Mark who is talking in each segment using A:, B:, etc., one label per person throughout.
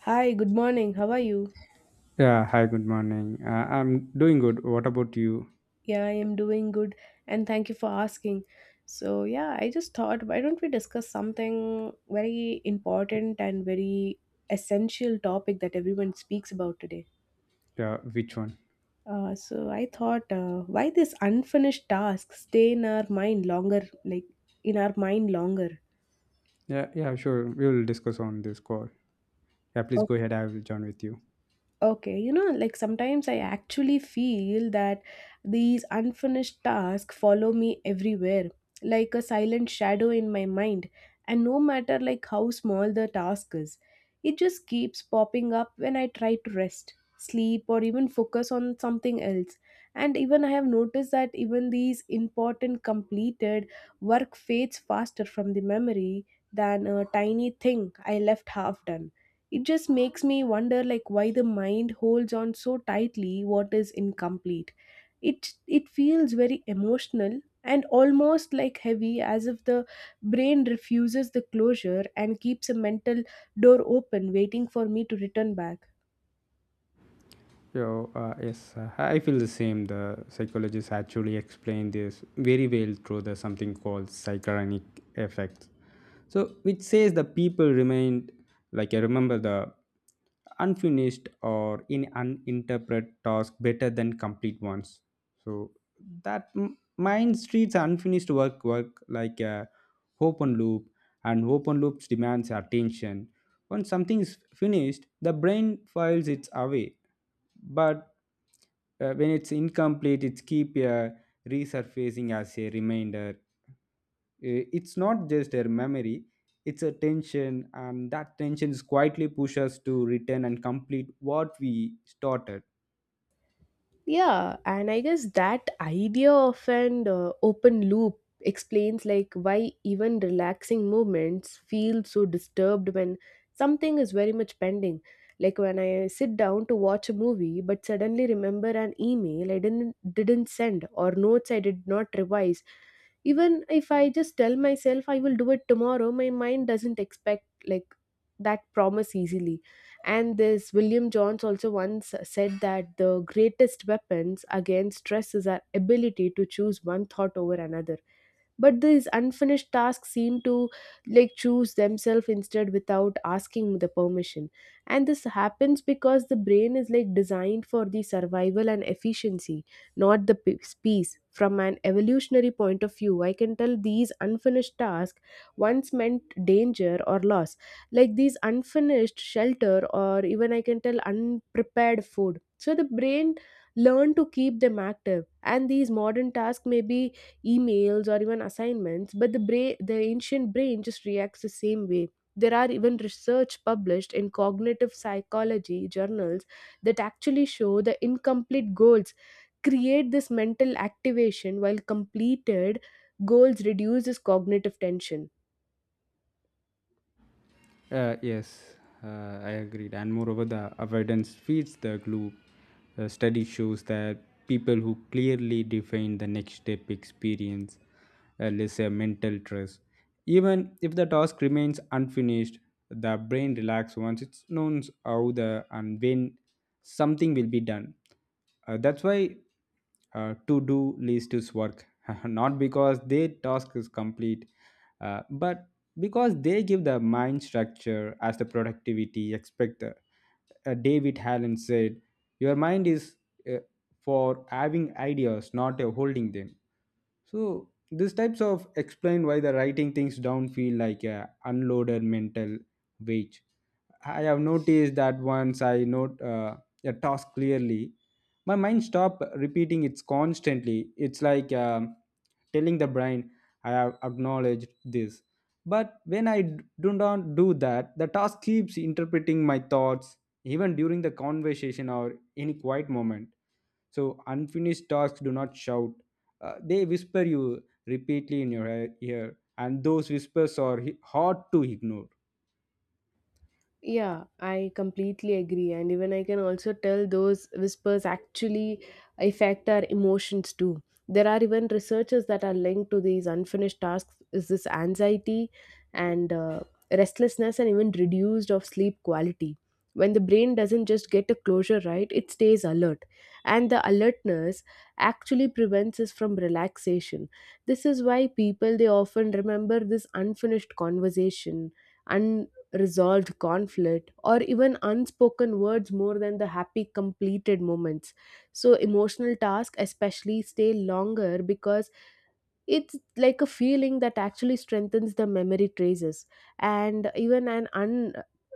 A: Hi, good morning. How are you?
B: Yeah, hi, good morning. I'm doing good. What about you?
A: Yeah, I am doing good and thank you for asking. So, yeah, I just thought why don't we discuss something very important and very essential topic that everyone speaks about today.
B: Yeah, which one?
A: So I thought why this unfinished task stay in our mind longer like in our mind longer.
B: Yeah, yeah, sure. We will discuss on this call. Yeah, please go ahead. I will join with you.
A: Okay, you know, like sometimes I actually feel that these unfinished tasks follow me everywhere, like a silent shadow in my mind. And no matter like how small the task is, it just keeps popping up when I try to rest, sleep, or even focus on something else. And even I have noticed that even these important completed work fades faster from the memory than a tiny thing I left half done. It just makes me wonder like why the mind holds on so tightly what is incomplete. It feels very emotional and almost like heavy as if the brain refuses the closure and keeps a mental door open waiting for me to return back.
B: Yes, I feel the same. The psychologists actually explain this very well through the something called psychronic effect. So, which says the people remained like I remember the unfinished or in uninterpreted task better than complete ones. So that mind treats unfinished work like a open loop, and open loops demands attention. When something is finished, the brain files it away but when it's incomplete it's keep resurfacing as a reminder. It's not just a memory, it's a tension, and that tension is quietly push us to return and complete what we started.
A: Yeah, and I guess that idea of an open loop explains like why even relaxing movements feel so disturbed when something is very much pending. Like when I sit down to watch a movie but suddenly remember an email I didn't send or notes I did not revise. Even if I just tell myself I will do it tomorrow, my mind doesn't expect like that promise easily. And this William Jones also once said that the greatest weapons against stress is our ability to choose one thought over another, but these unfinished tasks seem to like choose themselves instead without asking the permission. And this happens because the brain is like designed for the survival and efficiency, not the peace. From an evolutionary point of view, I can tell these unfinished tasks once meant danger or loss, like these unfinished shelter or even I can tell unprepared food. So the brain learn to keep them active, and these modern tasks may be emails or even assignments, but the brain, the ancient brain, just reacts the same way. There are even research published in cognitive psychology journals that actually show the incomplete goals create this mental activation while completed goals reduce this cognitive tension.
B: Yes, I agreed. And moreover, the avoidance feeds the glue. A study shows that people who clearly define the next step experience, let's say mental trust, even if the task remains unfinished, the brain relaxes once it's known how the and when something will be done. That's why to-do list is work, not because their task is complete, but because they give the mind structure as the productivity expected. David Allen said, "Your mind is uh, for having ideas, not holding them." So these types of explain why the writing things down feel like a unloaded mental weight. I have noticed that once I note a task clearly, my mind stop repeating it constantly. It's like telling the brain, "I have acknowledged this." But when I do not do that, the task keeps interpreting my thoughts, even during the conversation or any quiet moment. So unfinished tasks do not shout. They whisper you repeatedly in your ear, and those whispers are hard to ignore.
A: Yeah, I completely agree. And even I can also tell those whispers actually affect our emotions too. There are even researchers that are linked to these unfinished tasks is this anxiety and restlessness and even reduced of sleep quality. When the brain doesn't just get a closure right, it stays alert. And the alertness actually prevents us from relaxation. This is why people they often remember this unfinished conversation, resolved conflict, or even unspoken words more than the happy completed moments. So emotional tasks especially stay longer because it's like a feeling that actually strengthens the memory traces. And even an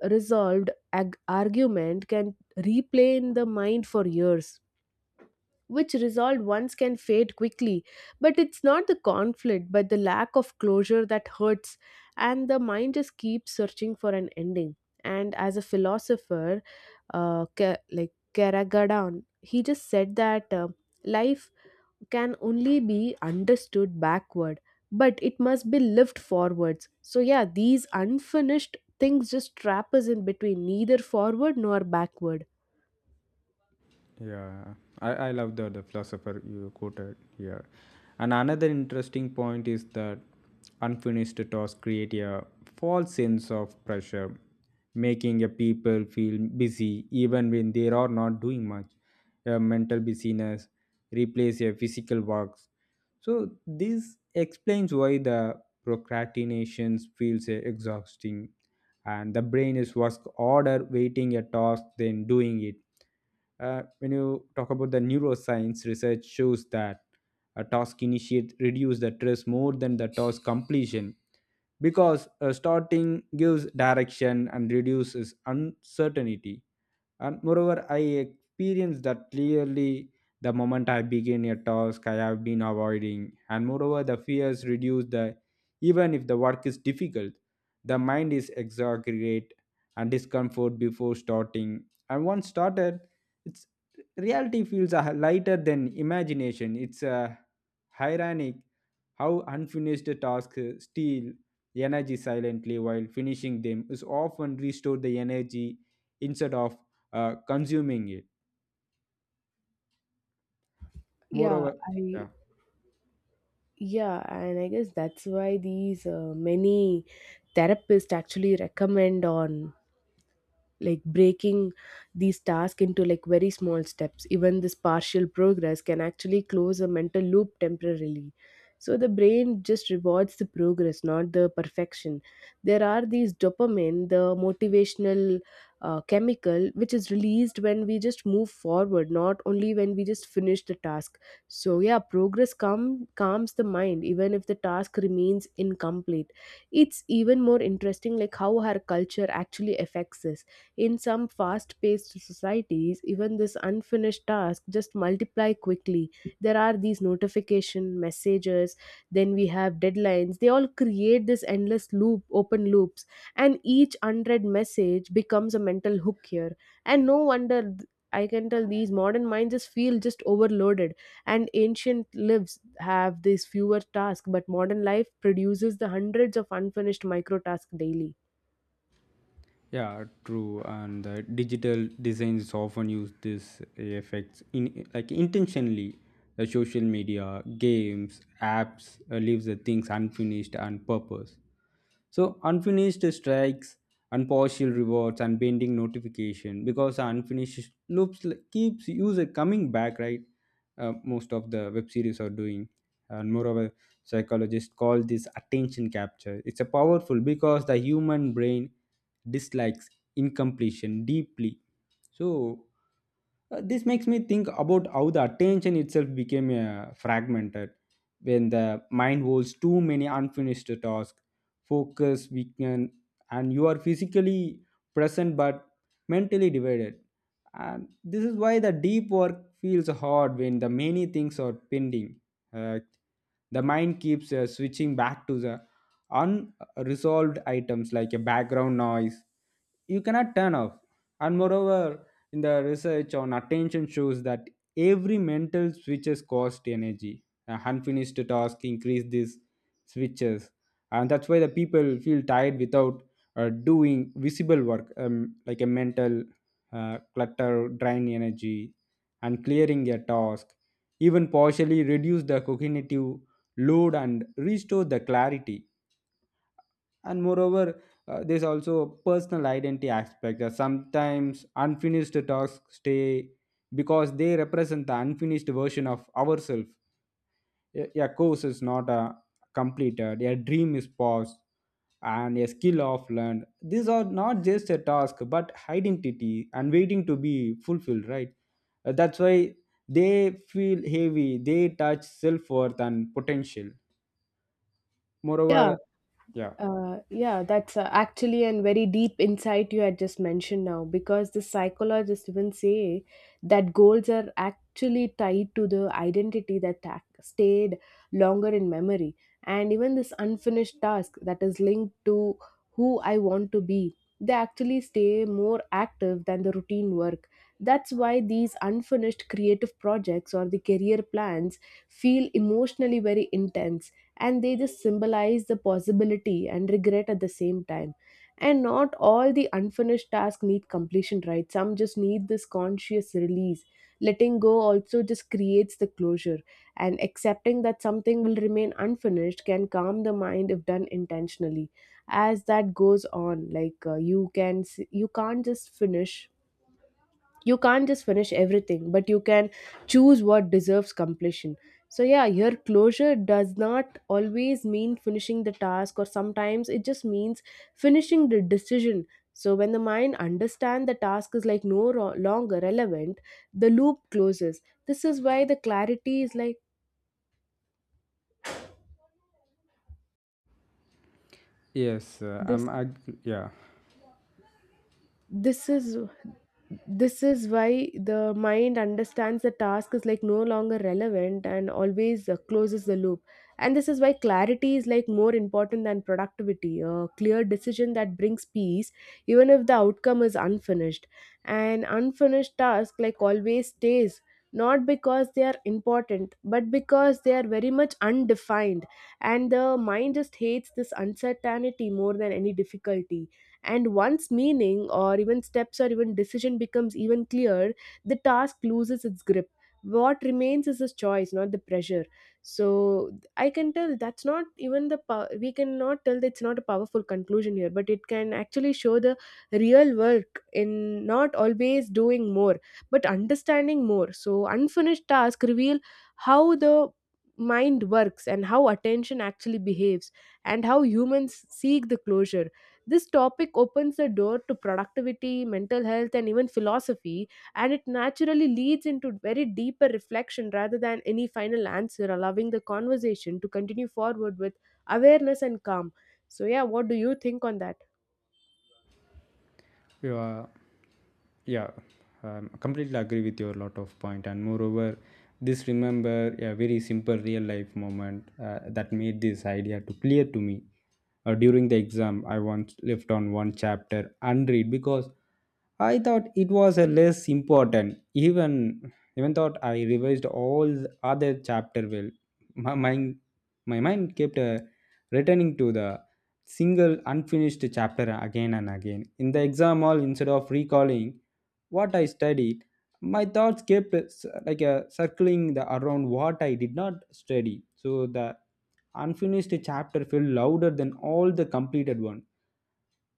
A: unresolved argument can replay in the mind for years, which resolved once can fade quickly. But it's not the conflict, but the lack of closure that hurts, and the mind just keeps searching for an ending. And as a philosopher, like Karagadan, he just said that life can only be understood backward, but it must be lived forwards. So, yeah, these unfinished things just trap us in between, neither forward nor backward.
B: Yeah, I love the philosopher you quoted here. And another interesting point is that unfinished tasks create a false sense of pressure, making a people feel busy even when they are not doing much. A mental busyness replace a physical works. So this explains why the procrastination feels exhausting, and the brain is work harder waiting a task than doing it. When you talk about the neuroscience, research shows that a task initiate reduce the stress more than the task completion, because starting gives direction and reduces uncertainty. And moreover, I experienced that clearly. The moment I begin a task I have been avoiding, and moreover the fears reduce the even if the work is difficult, the mind is exaggerate and discomfort before starting, and once started it's reality feels lighter than imagination. It's ironic how unfinished tasks steal energy silently while finishing them is often restore the energy instead of consuming it.
A: Yeah,
B: Moreover,
A: I
B: yeah.
A: Yeah, and I guess that's why these many therapists actually recommend on like breaking these tasks into like very small steps. Even this partial progress can actually close a mental loop temporarily, so the brain just rewards the progress, not the perfection. There are these dopamine, the motivational chemical, which is released when we just move forward, not only when we just finish the task. So yeah, progress calms the mind even if the task remains incomplete. It's even more interesting like how our culture actually affects this. In some fast paced societies, even this unfinished task just multiply quickly. There are these notification messages, then we have deadlines. They all create this endless loop, open loops, and each unread message becomes a mental hook here. And no wonder I can tell these modern minds just feel just overloaded, and ancient lives have these fewer tasks, but modern life produces the hundreds of unfinished micro tasks daily.
B: Yeah, true. And the digital designs often use this effects in like intentionally. The social media, games, apps leaves the things unfinished on purpose. So unfinished strikes and partial rewards and pending notification because unfinished loops keeps user coming back, right? Most of the web series are doing, and moreover, psychologists call this attention capture. It's a powerful because the human brain dislikes incompletion deeply. So this makes me think about how the attention itself became fragmented. When the mind holds too many unfinished tasks, focus weaken, and you are physically present but mentally divided. And this is why the deep work feels hard when the many things are pending. Uh, the mind keeps switching back to the unresolved items like a background noise you cannot turn off. And moreover, in the research on attention shows that every mental switches cost energy. Unfinished task increase these switches, and that's why the people feel tired without doing visible work, like a mental clutter, drain energy, and clearing a task. Even partially reduce the cognitive load and restore the clarity. And moreover, there's also a personal identity aspect. Sometimes unfinished tasks stay because they represent the unfinished version of ourselves. A course is not completed, a dream is paused, and a skill of learned, these are not just a task but identity and waiting to be fulfilled, right? That's why they feel heavy, they touch self-worth and potential.
A: Yeah,
B: Moreover, yeah.
A: yeah, that's actually a very deep insight you had just mentioned now, because the psychologists even say that goals are actually tied to the identity that stayed longer in memory. And even this unfinished task that is linked to who I want to be, they actually stay more active than the routine work. That's why these unfinished creative projects or the career plans feel emotionally very intense, and they just symbolize the possibility and regret at the same time. And not all the unfinished tasks need completion, right? Some just need this conscious release. Letting go also just creates the closure, and accepting that something will remain unfinished can calm the mind if done intentionally. As that goes on, like you can't just finish, you can't just finish everything, but you can choose what deserves completion. So yeah, here closure does not always mean finishing the task, or sometimes it just means finishing the decision. So when the mind understands the task is like no longer relevant, the loop closes. This is why the clarity is like
B: Yes, I'm
A: this
B: yeah.
A: this is this is why the mind understands the task is like no longer relevant and always closes the loop. And this is why clarity is like more important than productivity. A clear decision that brings peace even if the outcome is unfinished. An unfinished task like always stays, not because they are important, but because they are very much undefined, and the mind just hates this uncertainty more than any difficulty. And once meaning or even steps or even decision becomes even clear, the task loses its grip. What remains is a choice, not the pressure. So I can tell that's not even the pow- we cannot tell that it's not a powerful conclusion here, but it can actually show the real work in not always doing more, but understanding more. So unfinished tasks reveal how the mind works, and how attention actually behaves, and how humans seek the closure. This topic opens the door to productivity, mental health, and even philosophy, and it naturally leads into very deeper reflection rather than any final answer, allowing the conversation to continue forward with awareness and calm. So, yeah, what do you think on that?
B: 对吧？Yeah, completely agree with your lot of point. And moreover, this remember a very simple real life moment that made this idea to clear to me. During the exam I once left on one chapter unread because I thought it was a less important. Even thought I revised all the other chapter well, my mind my mind kept returning to the single unfinished chapter again and again. In the exam hall, instead of recalling what I studied, my thoughts kept like circling the, around what I did not study. So the unfinished chapter felt louder than all the completed one.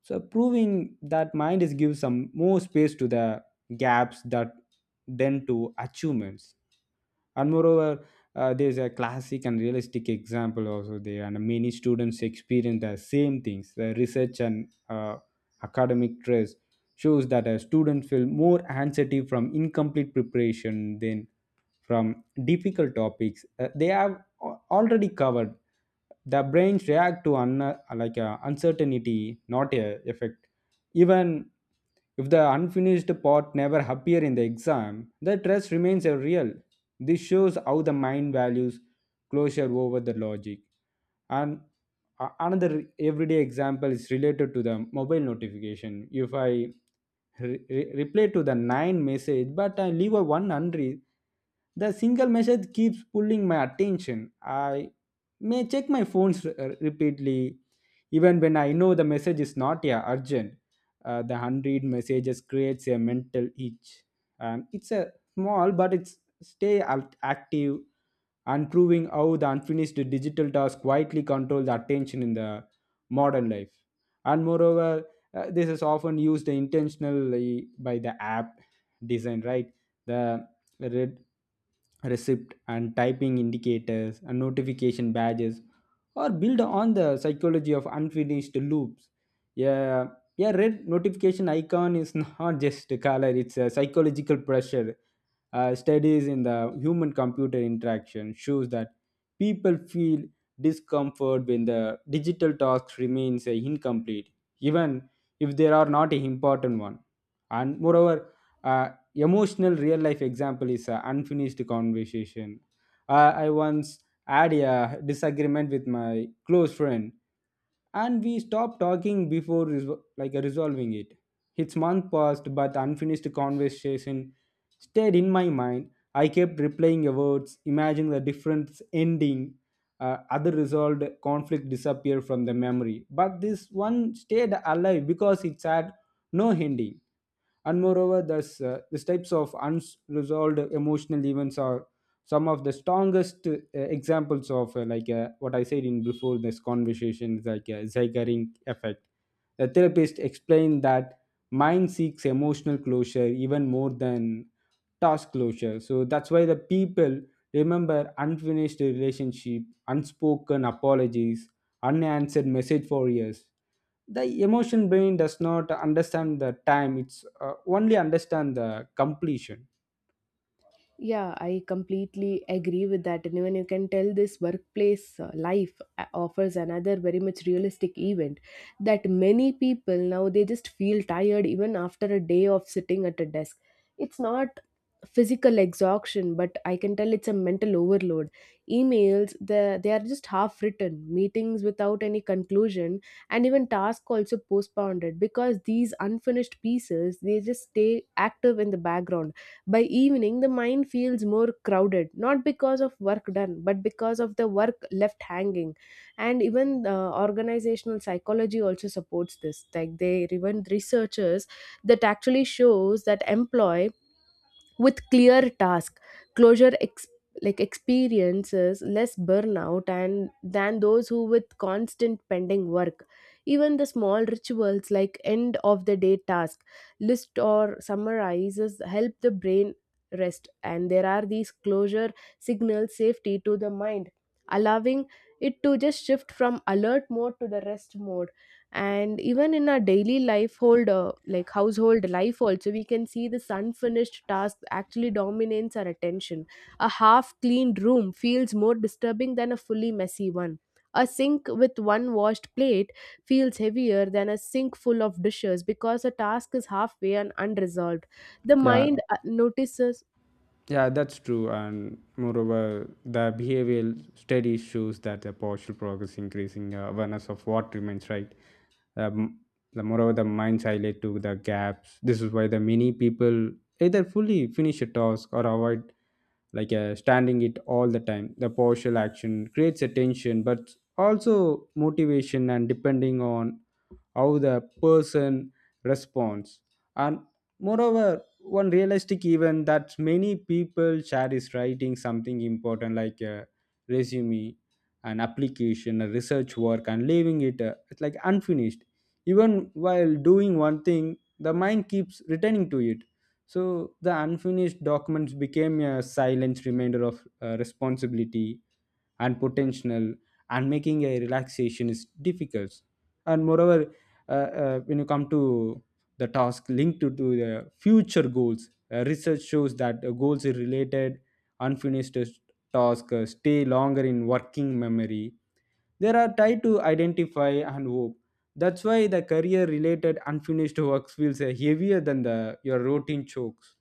B: So proving that mind is gives some more space to the gaps that then to achievements. And moreover, there's a classic and realistic example also there, and many students experience the same things. The research and academic stress shows that a student feel more anxiety from incomplete preparation than from difficult topics. They have already covered, the brains react to like a uncertainty, not a effect. Even if the unfinished part never appear in the exam, the trust remains a real. This shows how the mind values closure over the logic. And another everyday example is related to the mobile notification. If I reply to the nine message, but I leave a one unread, the single message keeps pulling my attention. I may check my phones repeatedly, even when I know the message is not yeah, urgent. The unread messages creates a mental itch, and it's a small but it's stay active, and proving how the unfinished digital tasks quietly control the attention in the modern life. And moreover, this is often used intentionally by the app design, right? The red receipt and typing indicators and notification badges or build on the psychology of unfinished loops. A a red notification icon is not just a color, it's a psychological pressure. Studies in the human computer interaction shows that people feel discomfort when the digital task remains incomplete, even if there are not an important one. And moreover, emotional real life example is an unfinished conversation. I once had a disagreement with my close friend, and we stopped talking before like resolving it. Its month passed, but unfinished conversation stayed in my mind. I kept replaying your words, imagining the different ending. Other resolved conflict disappeared from the memory, but this one stayed alive because it had no ending. And moreover, thus these types of unresolved emotional events are some of the strongest examples of like what I said in before this conversation is like a zeigerin effect. The therapist explained that mind seeks emotional closure even more than task closure. So that's why the people remember unfinished relationship, unspoken apologies, unanswered message for years. The emotion brain does not understand the time, it's only understand the completion.
A: Yeah, I completely agree with that. And even you can tell this workplace life offers another very much realistic event that many people now they just feel tired even after a day of sitting at a desk. It's not physical exhaustion, but I can tell it's a mental overload. Emails, they are just half written, meetings without any conclusion, and even tasks also postponed because these unfinished pieces they just stay active in the background. By evening the mind feels more crowded, not because of work done, but because of the work left hanging. And even organizational psychology also supports this. Like they even researchers that actually shows that employees with clear task closure like experiences less burnout and than those who with constant pending work. Even the small rituals like end of the day task list or summarizes help the brain rest, and there are these closure signals safety to the mind, allowing it to just shift from alert mode to the rest mode. And even in our daily life hold like household life also, we can see this unfinished task actually dominates our attention. A half cleaned room feels more disturbing than a fully messy one. A sink with one washed plate feels heavier than a sink full of dishes because a task is halfway and unresolved, the
B: Yeah.
A: mind notices.
B: Yeah, that's true. And moreover, the behavioral studies shows that the partial progress increasing awareness of what remains, right? Um, the moreover, the minds highlight to the gaps. This is why the many people either fully finish a task or avoid like standing it all the time. The partial action creates attention, but also motivation and depending on how the person responds. And moreover, one realistic event that many people share is writing something important like a resume, an application, a research work, and leaving it it's like unfinished. Even while doing one thing, the mind keeps returning to it. So the unfinished documents became a silent reminder of responsibility and potential, and making a relaxation is difficult. And moreover, when you come to the task linked to the future goals, research shows that goals are related unfinished task stay longer in working memory. They are tied to identify and hope. That's why the career related unfinished works feels heavier than the your routine chokes.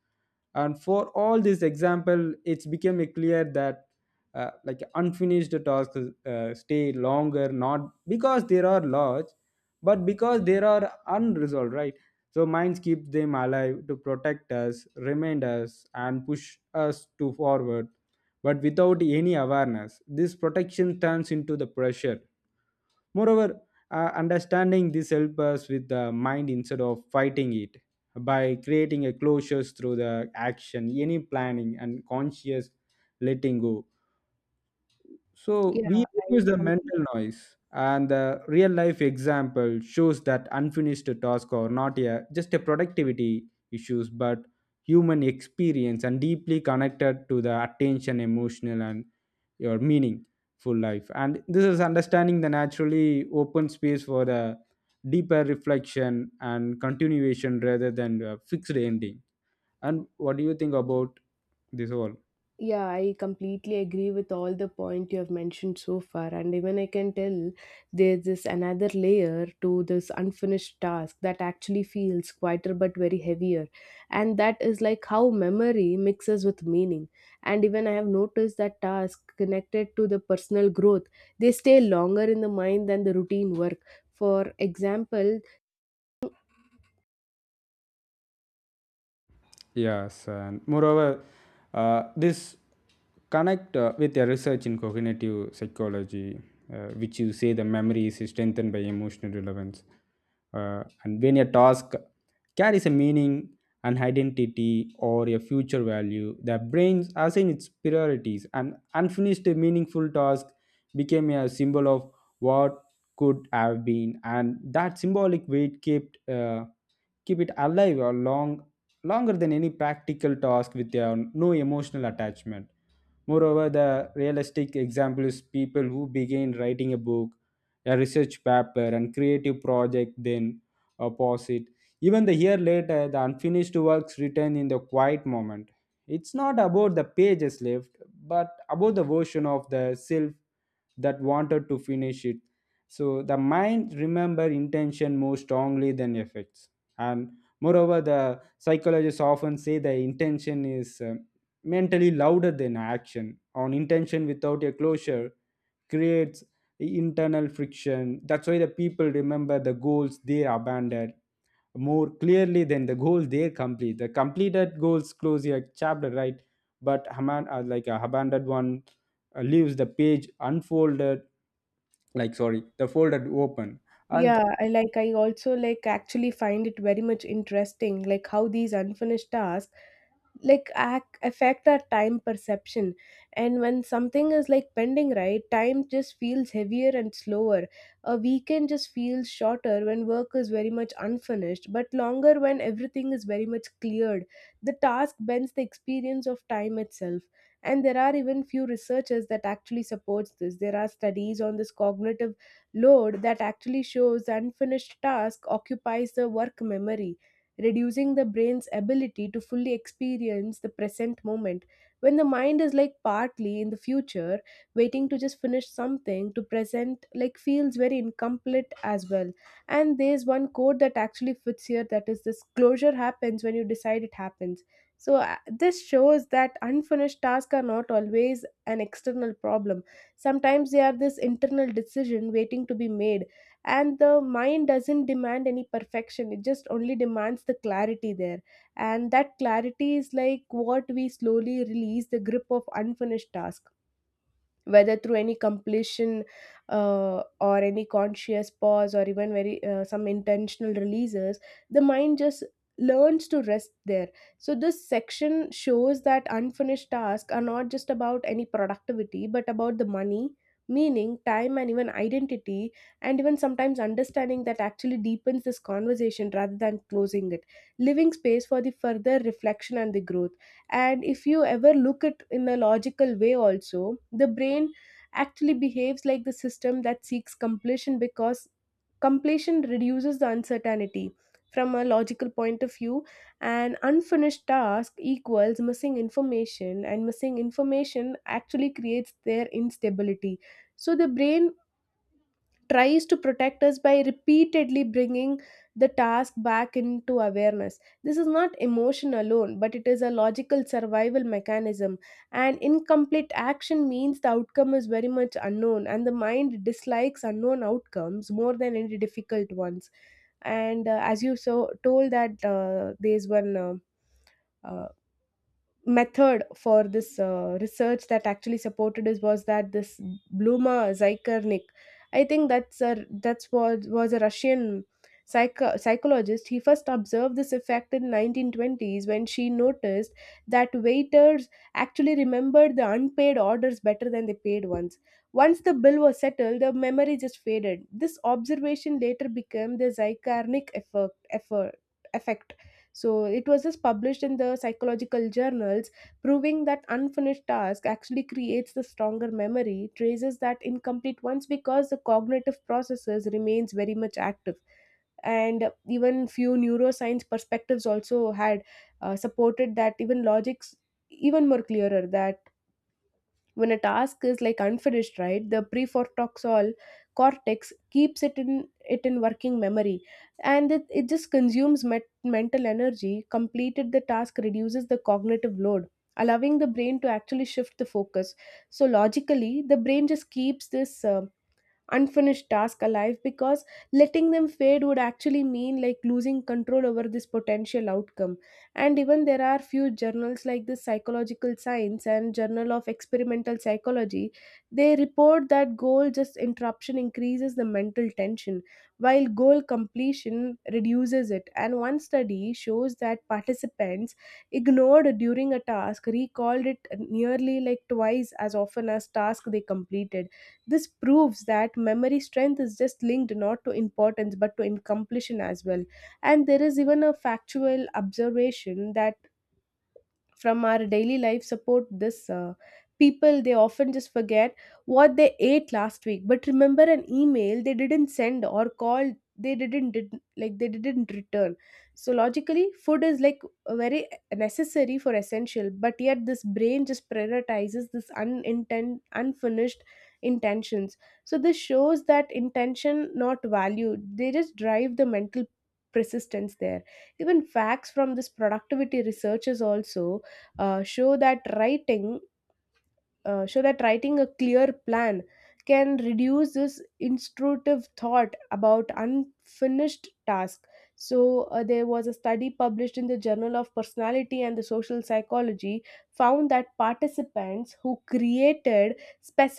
B: And for all this example, it's become a clear that like unfinished tasks stay longer not because they are large but because they are unresolved, right? So minds keep them alive to protect us, remind us, and push us to forward. But without any awareness this protection turns into the pressure. Moreover, understanding this helps us with the mind instead of fighting it, by creating a closure through the action, any planning, and conscious letting go. So we
A: yeah i
B: reduce the
A: completely
B: mental noise, and the real life example shows that unfinished tasks are not a, just a productivity issues, but human experience and deeply connected to the attention, emotional, and your meaningful life. And this is understanding the naturally open space for the deeper reflection and continuation rather than a fixed ending. And what do you think about this all?
A: Yeah, I completely agree with all the point you have mentioned so far, and even I can tell there's this another layer to this unfinished task that actually feels quieter but very heavier, and that is like how memory mixes with meaning. And even I have noticed that tasks connected to the personal growth they stay longer in the mind than the routine work. For example,
B: Yes, and moreover, this connect with your research in cognitive psychology, which you say the memory is strengthened by emotional relevance, and when a task carries a meaning, an identity, or a future value, the brain assigns its priorities. An unfinished meaningful task became a symbol of what could have been, and that symbolic weight kept. Keep it alive or longer than any practical task with no emotional attachment. Moreover, the realistic example is people who begin writing a book, a research paper, and creative project, then pause it. Even the year later the unfinished works return in the quiet moment. It's not about the pages left but about the version of the self that wanted to finish it. So the mind remember intention more strongly than effects. And moreover, the psychologists often say the intention is mentally louder than action on intention. Without a closure creates internal friction. That's why the people remember the goals they abandoned more clearly than the goals they complete. The completed goals close a chapter, right? But Haman, like a abandoned one leaves the page unfolded, like sorry the folded open, and
A: yeah, I also like actually find it very much interesting like how these unfinished tasks affect our time perception. And when something is like pending right, time just feels heavier and slower. A weekend just feels shorter when work is very much unfinished, but longer when everything is very much cleared. The task bends the experience of time itself. And there are even few researchers that actually supports this. There are studies on this cognitive load that actually shows the unfinished task occupies the work memory, reducing the brain's ability to fully experience the present moment. When the mind is like partly in the future, waiting to just finish something to present like feels very incomplete as well. And there's one quote that actually fits here, that is this closure happens when you decide it happens. So, this shows that unfinished tasks are not always an external problem. Sometimes they are this internal decision waiting to be made, and the mind doesn't demand any perfection, it just only demands the clarity there. And that clarity is like what we slowly release the grip of unfinished task, whether through any completion, or any conscious pause, or even very some intentional releases. The mind just learns to rest there. So this section shows that unfinished tasks are not just about any productivity but about the money, meaning time and even identity, and even sometimes understanding that actually deepens this conversation rather than closing it, leaving space for the further reflection and the growth. And if you ever look at in a logical way, also the brain actually behaves like the system that seeks completion, because completion reduces the uncertainty. From a logical point of view, an unfinished task equals missing information, and missing information actually creates their instability. So the brain tries to protect us by repeatedly bringing the task back into awareness. This is not emotion alone, but it is a logical survival mechanism. And incomplete action means the outcome is very much unknown, and the mind dislikes unknown outcomes more than any difficult ones. And as you so told that there's one. Uh, method for this research that actually supported us was that this Bluma Zykernik, I think that's a that's was a Russian psychologist. He first observed this effect in 1920s when she noticed that waiters actually remembered the unpaid orders better than the paid ones. Once the bill was settled, the memory just faded. This observation later became the Zykarnik effect. Effect. So it was just published in the psychological journals, proving that unfinished task actually creates the stronger memory traces that incomplete ones, because the cognitive processes remains very much active. And even few neuroscience perspectives also had supported that even logics even more clearer that when a task is like unfinished, right, the prefrontal cortex keeps it in working memory, and it just consumes mental energy. Completed the task reduces the cognitive load, allowing the brain to actually shift the focus. So logically, the brain just keeps this unfinished task alive, because letting them fade would actually mean like losing control over this potential outcome. And even there are few journals like the psychological science and journal of experimental psychology, they report that goal just interruption increases the mental tension while goal completion reduces it. And one study shows that participants ignored during a task recalled it nearly like twice as often as task they completed. This proves that memory strength is just linked not to importance but to completion as well. And there is even a factual observation that from our daily life support this. People, they often just forget what they ate last week but remember an email they didn't send, or call they didn't did, like they didn't return. So logically, food is like very necessary for essential, but yet this brain just prioritizes this unintent unfinished intentions. So this shows that intention, not value, they just drive the mental persistence there. Even facts from this productivity researchers also show that writing so that writing a clear plan can reduce this intrusive thought about unfinished task. So there was a study published in the journal of personality and the social psychology, found that participants who created specific